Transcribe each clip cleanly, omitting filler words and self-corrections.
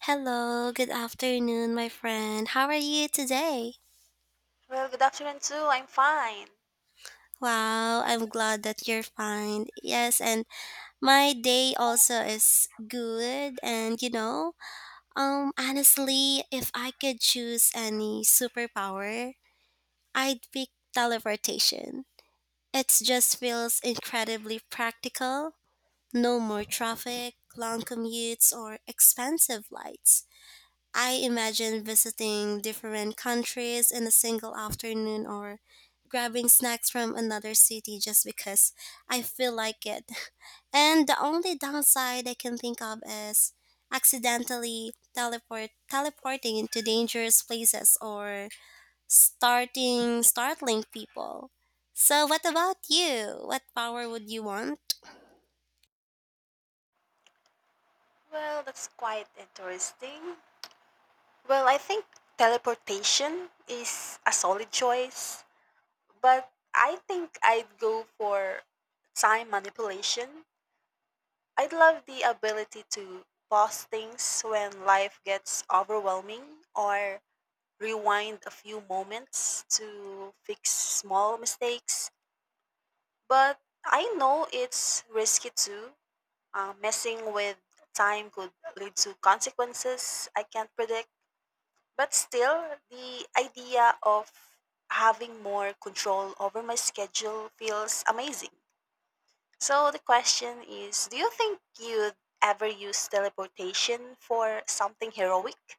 Hello, good afternoon, my friend. How are you today? Well, good afternoon too. I'm fine. Wow, I'm glad that you're fine. Yes, and my day also is good. And you know, honestly, if I could choose any superpower, I'd pick teleportation. It just feels incredibly practical. No more traffic, long commutes, or expensive flights. I imagine visiting different countries in a single afternoon or grabbing snacks from another city just because I feel like it. And the only downside I can think of is accidentally teleporting into dangerous places or starting startling people. So what about you? What power would you want? Well, that's quite interesting. Well, I think teleportation is a solid choice, but I think I'd go for time manipulation. I'd love the ability to pause things when life gets overwhelming or rewind a few moments to fix small mistakes. But I know it's risky too. Messing with time could lead to consequences I can't predict, but still, the idea of having more control over my schedule feels amazing. So, the question is, do you think you'd ever use teleportation for something heroic?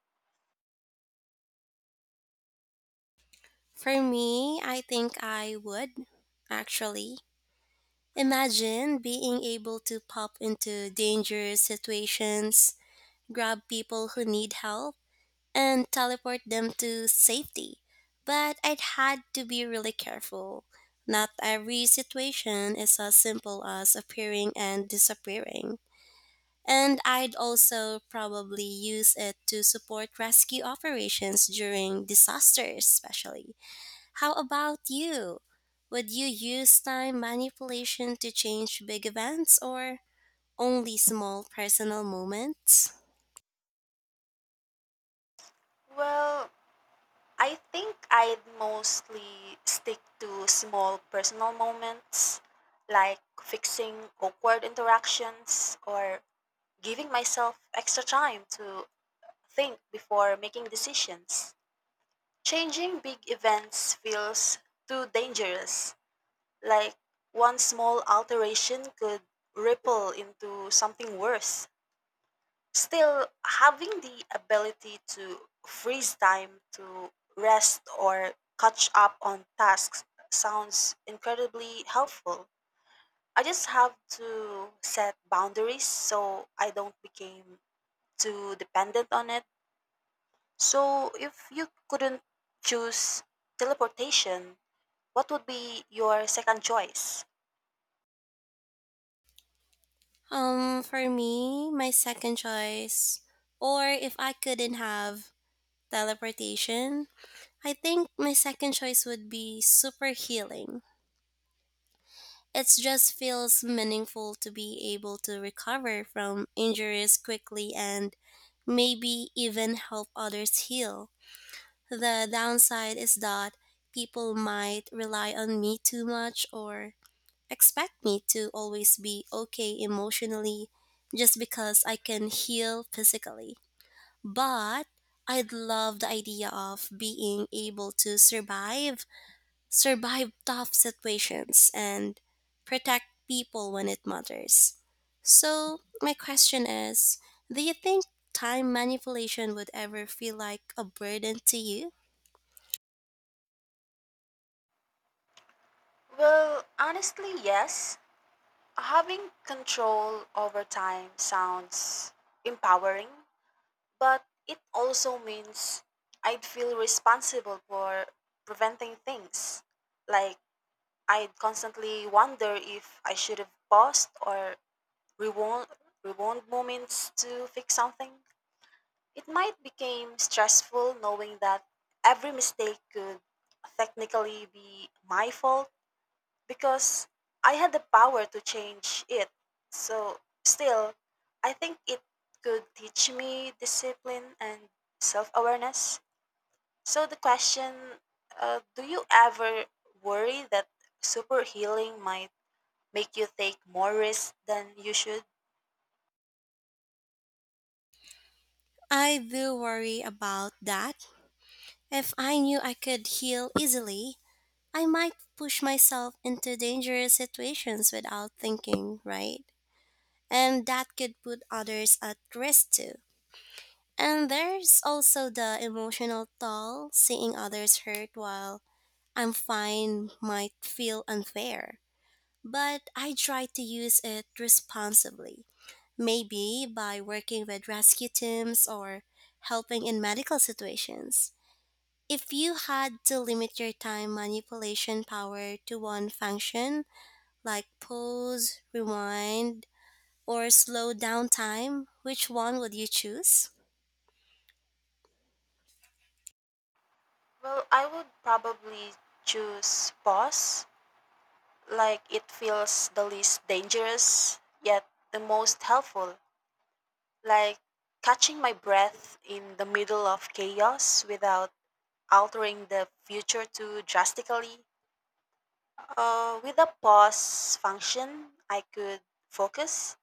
For me, I think I would actually. Imagine being able to pop into dangerous situations, grab people who need help, and teleport them to safety. But I'd had to be really careful. Not every situation is as simple as appearing and disappearing. And I'd also probably use it to support rescue operations during disasters, especially. How about you? Would you use time manipulation to change big events or only small personal moments? Well, I think I'd mostly stick to small personal moments like fixing awkward interactions or giving myself extra time to think before making decisions. Changing big events feels too dangerous, like one small alteration could ripple into something worse. Still, having the ability to freeze time to rest or catch up on tasks sounds incredibly helpful. I just have to set boundaries so I don't become too dependent on it. So, if you couldn't choose teleportation, what would be your second choice? For me, my second choice, or if I couldn't have teleportation, I think my second choice would be super healing. It just feels meaningful to be able to recover from injuries quickly and maybe even help others heal. The downside is that people might rely on me too much or expect me to always be okay emotionally just because I can heal physically. But I'd love the idea of being able to survive tough situations, and protect people when it matters. So, my question is do you think time manipulation would ever feel like a burden to you? Well, honestly, yes. Having control over time sounds empowering, but it also means I'd feel responsible for preventing things. Like, I'd constantly wonder if I should have paused or rewound, rewound moments to fix something. It might became stressful knowing that every mistake could technically be my fault because I had the power to change it. So still, I think it could teach me discipline and self-awareness. So the question, do you ever worry that super healing might make you take more risks than you should? I do worry about that. If I knew I could heal easily, I might push myself into dangerous situations without thinking, right? And that could put others at risk too. And there's also the emotional toll seeing others hurt while I'm fine might feel unfair, but I try to use it responsibly, maybe by working with rescue teams or helping in medical situations. If you had to limit your time manipulation power to one function, like pause, rewind, or slow down time, which one would you choose? Well, I would probably choose pause, like it feels the least dangerous yet the most helpful, like catching my breath in the middle of chaos without altering the future too drastically. With a pause function, I could focus,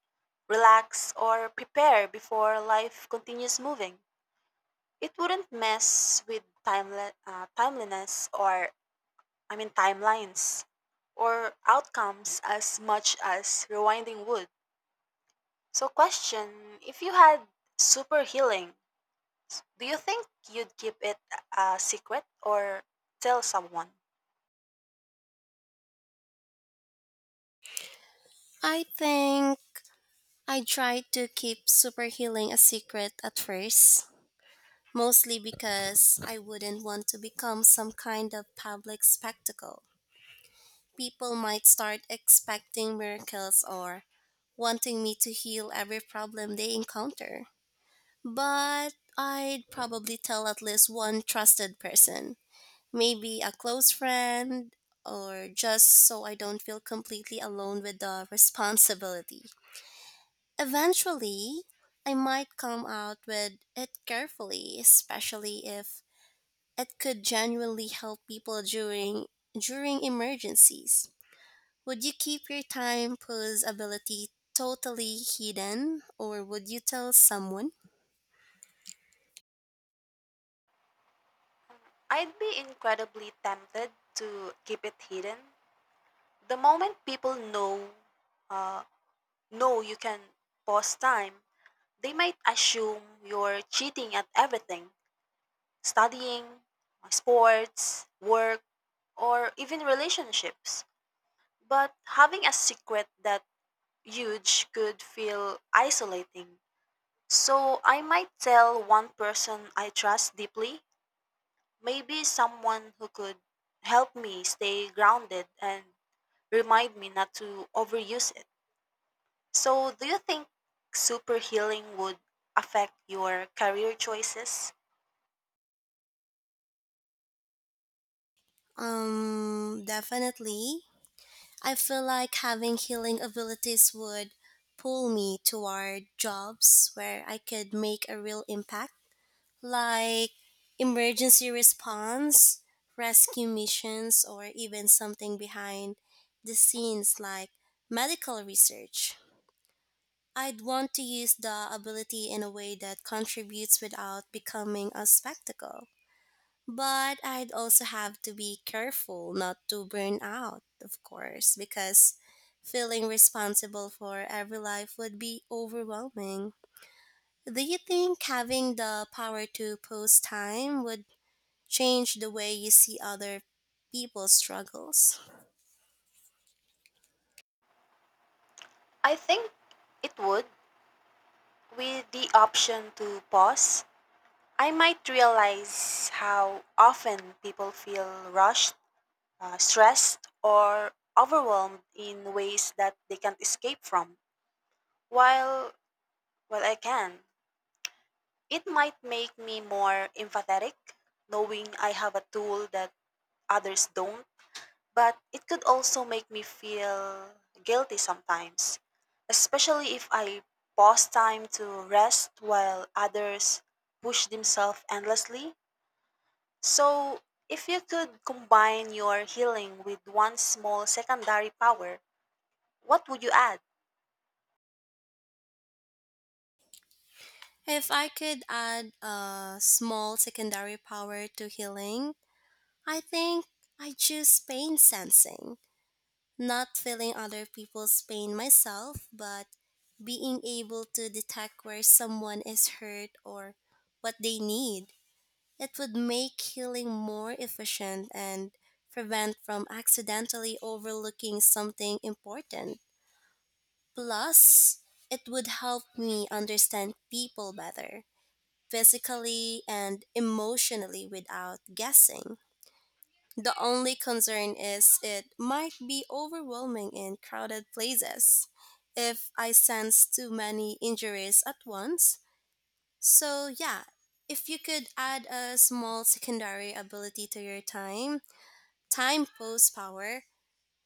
relax, or prepare before life continues moving. It wouldn't mess with timeliness, or I mean timelines, or outcomes as much as rewinding would. So, question, if you had super healing, do you think you'd keep it a secret or tell someone? I think I tried to keep super healing a secret at first mostly because I wouldn't want to become some kind of public spectacle. People might start expecting miracles or wanting me to heal every problem they encounter. But I'd probably tell at least one trusted person, maybe a close friend, or just so I don't feel completely alone with the responsibility. Eventually, I might come out with it carefully, especially if it could genuinely help people during emergencies. Would you keep your time pause ability totally hidden or would you tell someone? I'd be incredibly tempted to keep it hidden. The moment people uh, know you can pause time, they might assume you're cheating at everything: studying, sports, work, or even relationships. But having a secret that huge could feel isolating. So I might tell one person I trust deeply, maybe someone who could help me stay grounded and remind me not to overuse it. So do you think super healing would affect your career choices? Definitely. I feel like having healing abilities would pull me toward jobs where I could make a real impact like emergency response, rescue missions, or even something behind the scenes like medical research. I'd want to use the ability in a way that contributes without becoming a spectacle. But I'd also have to be careful not to burn out, of course, because feeling responsible for every life would be overwhelming. Do you think having the power to pause time would change the way you see other people's struggles? I think it would. With the option to pause, I might realize how often people feel rushed, stressed, or overwhelmed in ways that they can't escape from. While while I can, it might make me more empathetic, knowing I have a tool that others don't, but it could also make me feel guilty sometimes, especially if I pause time to rest while others push themselves endlessly. So, if you could combine your healing with one small secondary power, what would you add? If I could add a small secondary power to healing, I think I choose pain sensing, not feeling other people's pain myself, but being able to detect where someone is hurt or what they need. It would make healing more efficient and prevent from accidentally overlooking something important. Plus, it would help me understand people better, physically and emotionally without guessing. The only concern is it might be overwhelming in crowded places if I sense too many injuries at once. So, yeah, if you could add a small secondary ability to your time pose power,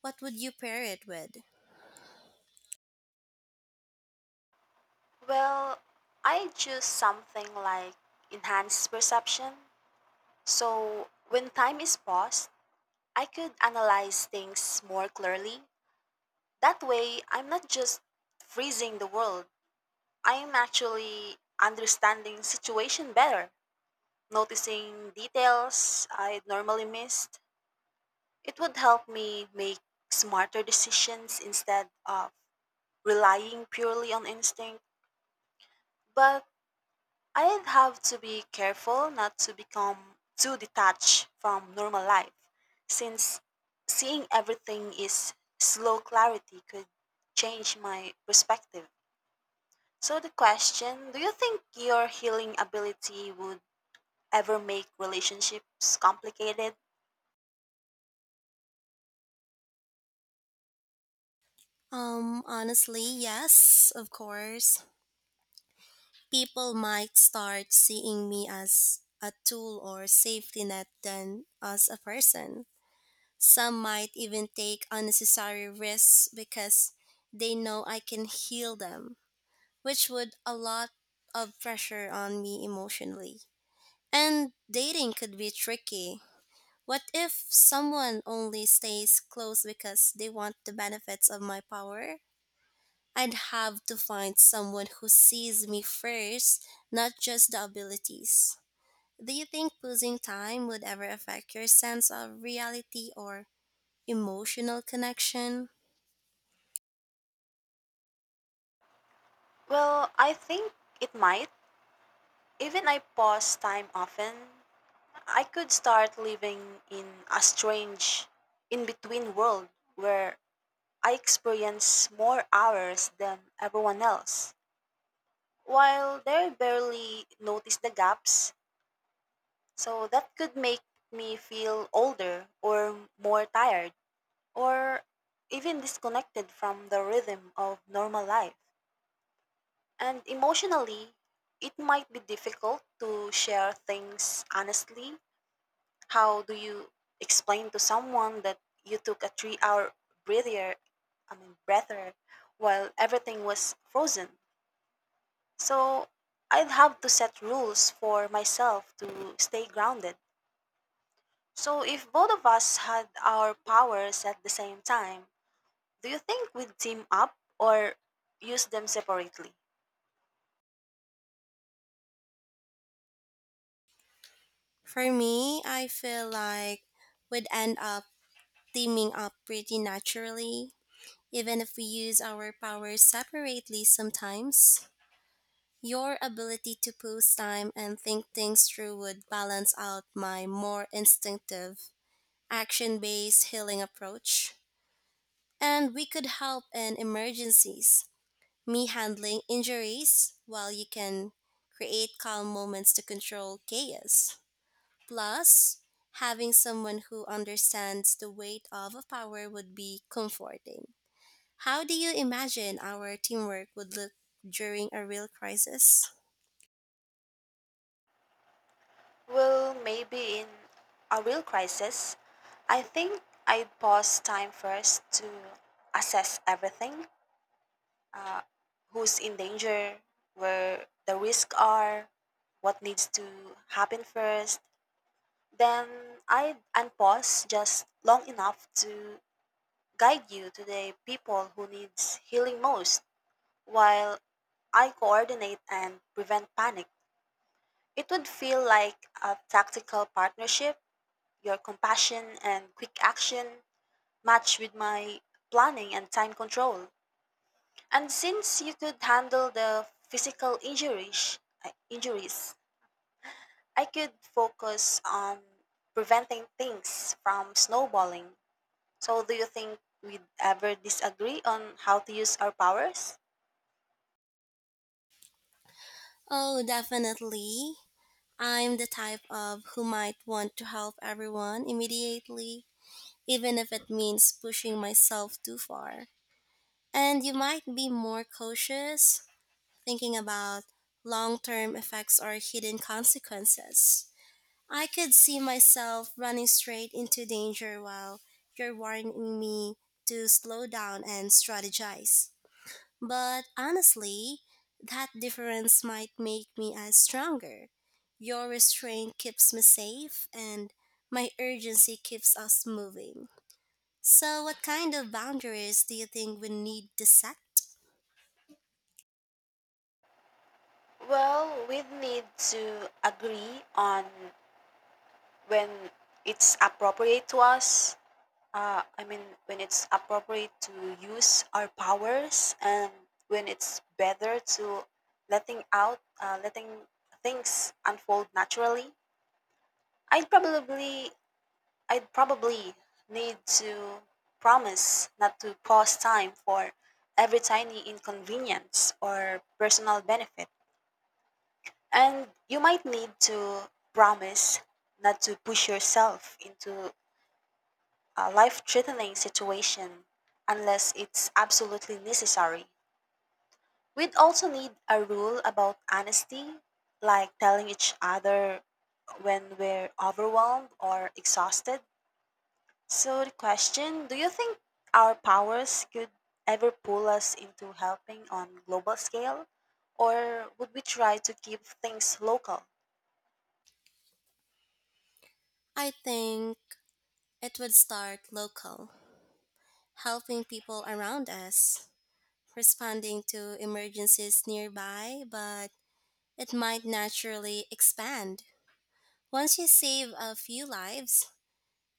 what would you pair it with? Well, I choose something like enhanced perception. So when time is paused, I could analyze things more clearly. That way, I'm not just freezing the world. I am actually understanding situation better, noticing details I normally missed. It would help me make smarter decisions instead of relying purely on instinct. But I'd have to be careful not to become too detached from normal life, since seeing everything is slow clarity could change my perspective. So, the question, do you think your healing ability would ever make relationships complicated? Honestly, yes, of course. People might start seeing me as a tool or safety net than as a person. Some might even take unnecessary risks because they know I can heal them, which would a lot of pressure on me emotionally. And dating could be tricky. What if someone only stays close because they want the benefits of my power? I'd have to find someone who sees me first, not just the abilities. Do you think losing time would ever affect your sense of reality or emotional connection? Well, I think it might. Even I pause time often, I could start living in a strange, in between world where I experience more hours than everyone else, while they barely notice the gaps. So that could make me feel older or more tired or even disconnected from the rhythm of normal life. And emotionally, it might be difficult to share things honestly. How do you explain to someone that you took a 3 hour breather, breather, while everything was frozen? So I'd have to set rules for myself to stay grounded. So if both of us had our powers at the same time, do you think we'd team up or use them separately? For me, I feel like we'd end up teaming up pretty naturally, even if we use our powers separately sometimes. Your ability to pose time and think things through would balance out my more instinctive action based healing approach, and we could help in emergencies, me handling injuries while you can create calm moments to control chaos. Plus, having someone who understands the weight of a power would be comforting. How do you imagine our teamwork would look during a real crisis? Well, maybe in a real crisis, I think I'd pause time first to assess everything: who's in danger, where the risks are, what needs to happen first. Then I'd pause just long enough to guide you to the people who needs healing most while I coordinate and prevent panic. It would feel like a tactical partnership. Your compassion and quick action match with my planning and time control. And since you could handle the physical injuries, I could focus on preventing things from snowballing. So, do you think we'd ever disagree on how to use our powers? Oh, definitely. I'm the type of who might want to help everyone immediately even if it means pushing myself too far. And you might be more cautious, thinking about long term effects or hidden consequences. I could see myself running straight into danger while you're warning me to slow down and strategize. But honestly, that difference might make me as stronger. Your restraint keeps me safe, and my urgency keeps us moving. So, what kind of boundaries do you think we need to set? Well, we'd need to agree on when it's appropriate to Uh, I mean, when it's appropriate to use our powers, and when it's better to letting things unfold naturally. I'd probably I'd probably need to promise not to pause time for every tiny inconvenience or personal benefit. And you might need to promise not to push yourself into a life threatening situation unless it's absolutely necessary. We'd also need a rule about honesty, like telling each other when we're overwhelmed or exhausted. So, the question, do you think our powers could ever pull us into helping on global scale? Or would we try to keep things local? I think it would start local, helping people around us, responding to emergencies nearby, but it might naturally expand. Once you save a few lives,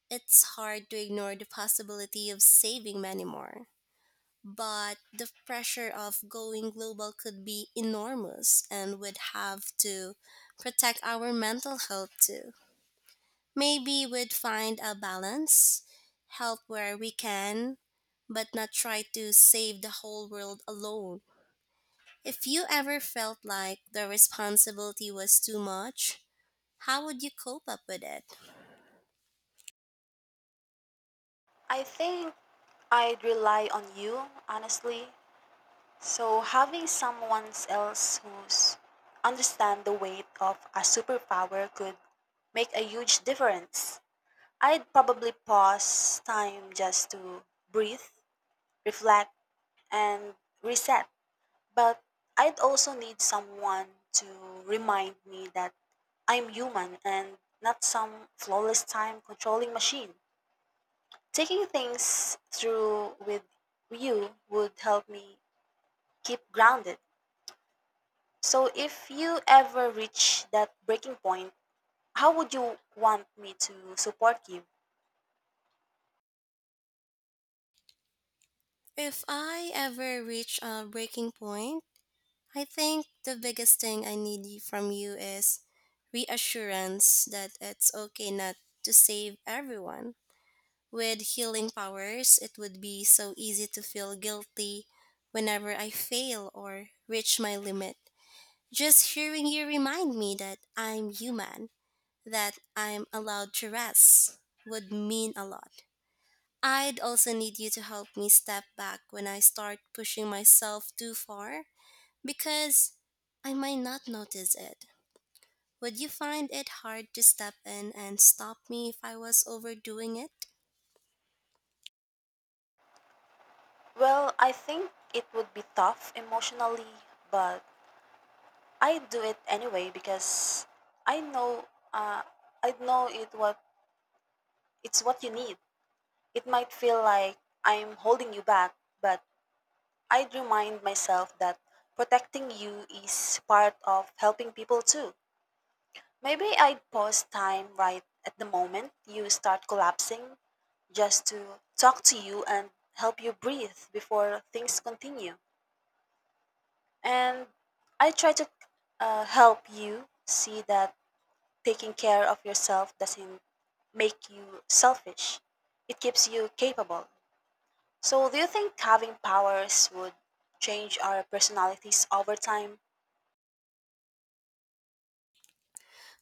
it's hard to ignore the possibility of saving many more. But the pressure of going global could be enormous, and would have to protect our mental health too. Maybe we'd find a balance, help where we can, but not try to save the whole world alone. If you ever felt like the responsibility was too much, how would you cope up with it? I think I'd rely on you, honestly. So, having someone else who's understand the weight of a superpower could make a huge difference. I'd probably pause time just to breathe, reflect, and reset. But I'd also need someone to remind me that I'm human and not some flawless time controlling machine. Taking things through with you would help me keep grounded. So, if you ever reach that breaking point, how would you want me to support you? If I ever reach a breaking point, I think the biggest thing I need from you is reassurance that it's okay not to save everyone. With healing powers, it would be so easy to feel guilty whenever I fail or reach my limit. Just hearing you remind me that I'm human, that I'm allowed to rest, would mean a lot. I'd also need you to help me step back when I start pushing myself too far because I might not notice it. Would you find it hard to step in and stop me if I was overdoing it? Well, I think it would be tough emotionally, but I do it anyway because I know uh, I know it what. It's what you need. It might feel like I'm holding you back, but I'd remind myself that protecting you is part of helping people too. Maybe I'd pause time right at the moment you start collapsing just to talk to you and help you breathe before things continue. And I try to help you see that taking care of yourself doesn't make you selfish. It keeps you capable. So, do you think having powers would change our personalities over time?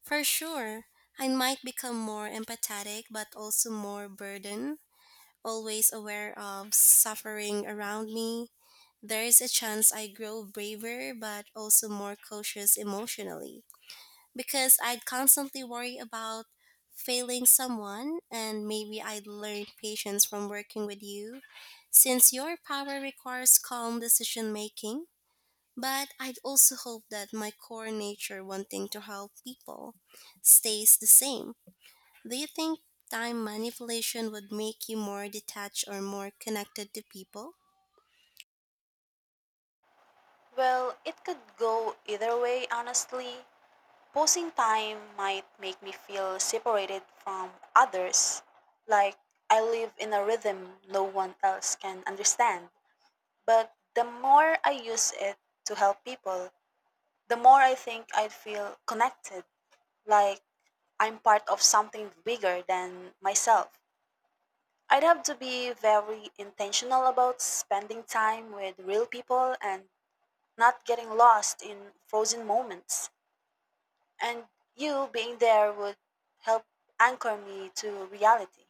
For sure, I might become more empathetic but also more burdened, always aware of suffering around me. There is a chance I grow braver but also more cautious emotionally because I'd constantly worry about failing someone and maybe I'd learn patience from working with you since your power requires calm decision making. But I'd also hope that my core nature wanting to help people stays the same. Do you think time manipulation would make you more detached or more connected to people? Well, it could go either way, honestly. Posing time might make me feel separated from others, like I live in a rhythm no one else can understand. But the more I use it to help people, the more I think I'd feel connected, like I'm part of something bigger than myself. I'd have to be very intentional about spending time with real people and not getting lost in frozen moments. And you being there would help anchor me to reality.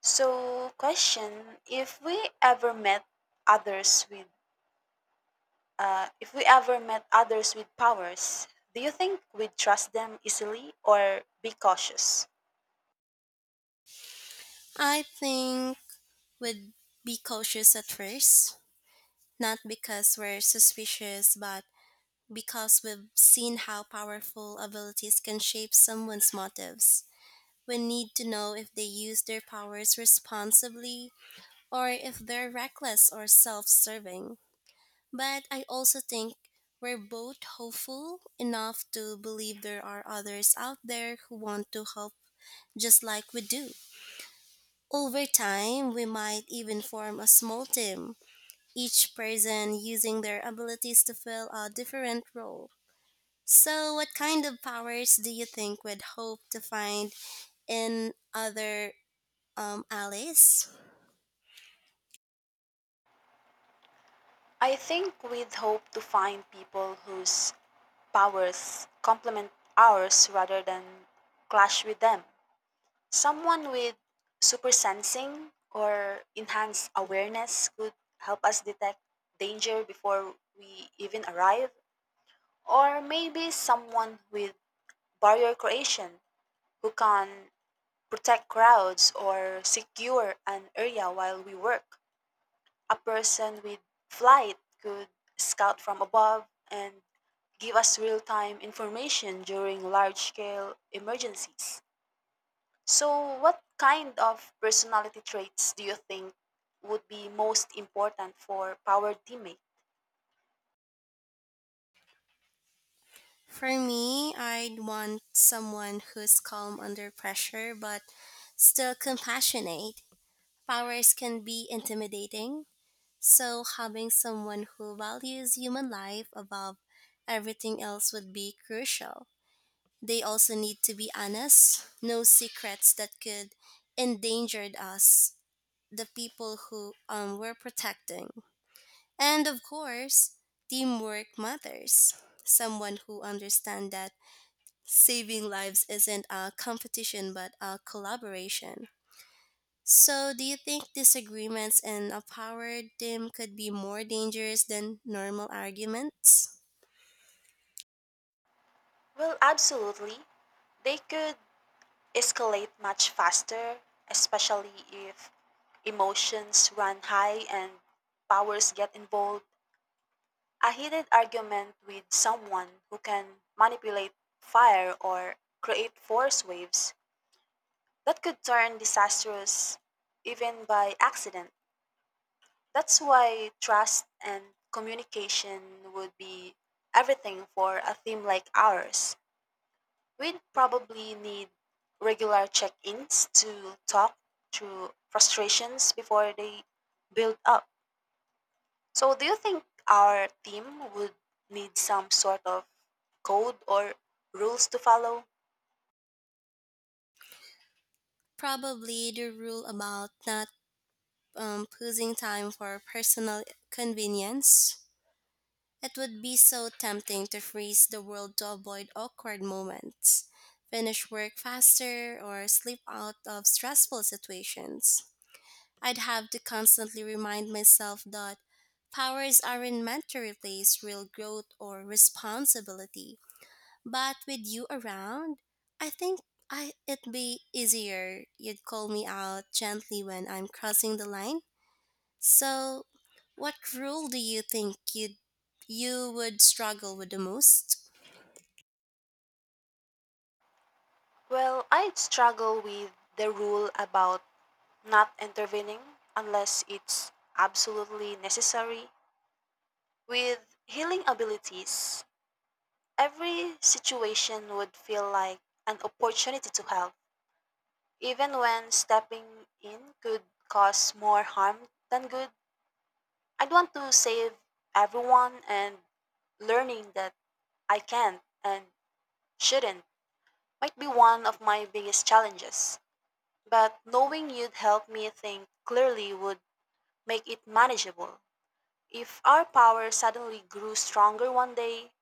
So, question, if we ever met others with if we ever met others with powers, do you think we'd trust them easily or be cautious? I think would be cautious at first, not because we're suspicious, but because we've seen how powerful abilities can shape someone's motives. We need to know if they use their powers responsibly or if they're reckless or self serving. But I also think we're both hopeful enough to believe there are others out there who want to help just like we do. Over time, we might even form a small team, each person using their abilities to fill a different role. So, what kind of powers do you think we'd hope to find in other allies? I think we'd hope to find people whose powers complement ours rather than clash with them. Someone with super sensing or enhanced awareness could help us detect danger before we even arrive. Or maybe someone with barrier creation who can protect crowds or secure an area while we work. A person with flight could scout from above and give us real time information during large scale emergencies. So, what kind of personality traits do you think would be most important for power teammates? For me, I'd want someone who's calm under pressure but still compassionate. Powers can be intimidating, so having someone who values human life above everything else would be crucial. They also need to be honest, no secrets that could endanger us, the people who we're protecting. And of course, teamwork matters. Someone who understands that saving lives isn't a competition but a collaboration. So, do you think disagreements in a power dim could be more dangerous than normal arguments? Well, absolutely. They could escalate much faster, especially if emotions run high and powers get involved. A heated argument with someone who can manipulate fire or create force waves, that could turn disastrous even by accident. That's why trust and communication would be everything for a theme like ours. We'd probably need regular check ins to talk through frustrations before they build up. So, do you think our team would need some sort of code or rules to follow? Probably the rule about not posing time for personal convenience. It would be so tempting to freeze the world to avoid awkward moments, finish work faster, or slip out of stressful situations. I'd have to constantly remind myself that powers aren't meant to replace real growth or responsibility. But with you around, I think it'd be easier. You'd call me out gently when I'm crossing the line. So, what rule do you think you would struggle with the most? Well, I'd struggle with the rule about not intervening unless it's absolutely necessary. With healing abilities, every situation would feel like an opportunity to help, even when stepping in could cause more harm than good. I'd want to save everyone, and learning that I can't and shouldn't might be one of my biggest challenges. But knowing you'd help me think clearly would make it manageable. If our power suddenly grew stronger one day,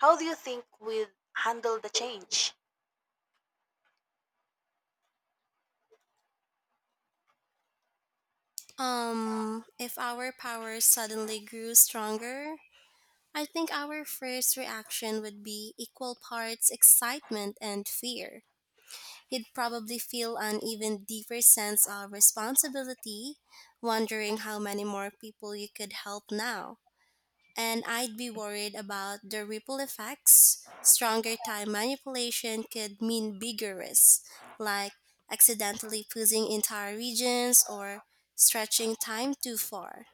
how do you think we'd handle the change? If our powers suddenly grew stronger, I think our first reaction would be equal parts excitement and fear. You'd probably feel an even deeper sense of responsibility, wondering how many more people you could help now. And I'd be worried about the ripple effects. Stronger time manipulation could mean bigger risks, like accidentally pushing entire regions or stretching time too far.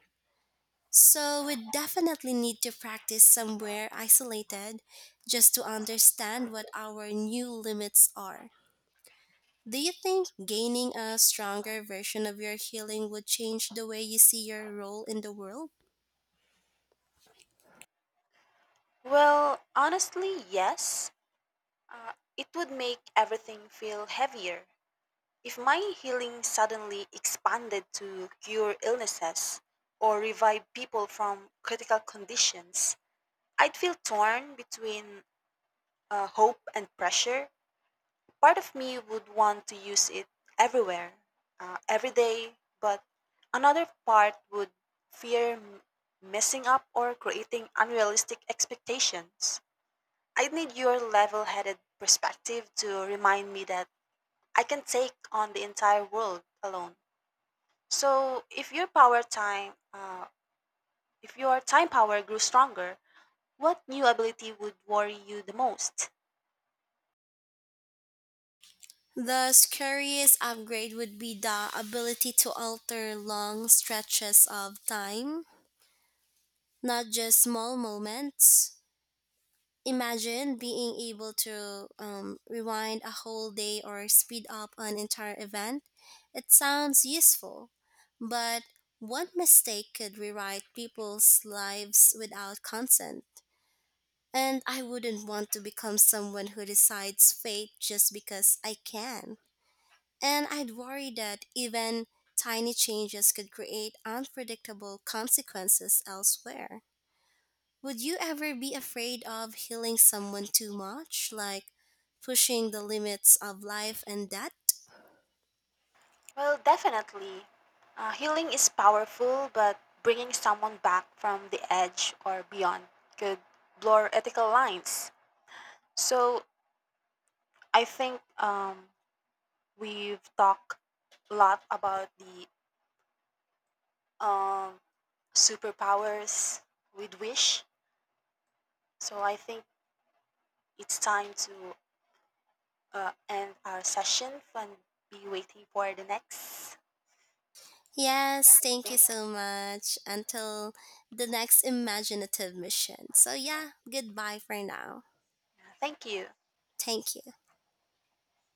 So we definitely need to practice somewhere isolated just to understand what our new limits are. Do you think gaining a stronger version of your healing would change the way you see your role in the world? Well, honestly, yes. It would make everything feel heavier. If my healing suddenly expanded to cure illnesses or revive people from critical conditions, I'd feel torn between hope and pressure. Part of me would want to use it everywhere, every day, but another part would fear messing up or creating unrealistic expectations. I need your level headed perspective to remind me that I can take on the entire world alone. So, if your time power grew stronger, what new ability would worry you the most? The scariest upgrade would be the ability to alter long stretches of time, not just small moments. Imagine being able to rewind a whole day or speed up an entire event. It sounds useful, but one mistake could rewrite people's lives without consent. And I wouldn't want to become someone who decides fate just because I can. And I'd worry that even tiny changes could create unpredictable consequences elsewhere. Would you ever be afraid of healing someone too much, like pushing the limits of life and death? Well, definitely. Healing is powerful, but bringing someone back from the edge or beyond could blur ethical lines. So I think we've talked a lot about the um, superpowers with wish. So I think it's time to end our session and be waiting for the next. Yeah, Yes, thank you Thank, so much. Until the next imaginative mission. So, yeah, goodbye for now. yeah, thank you. Thank you.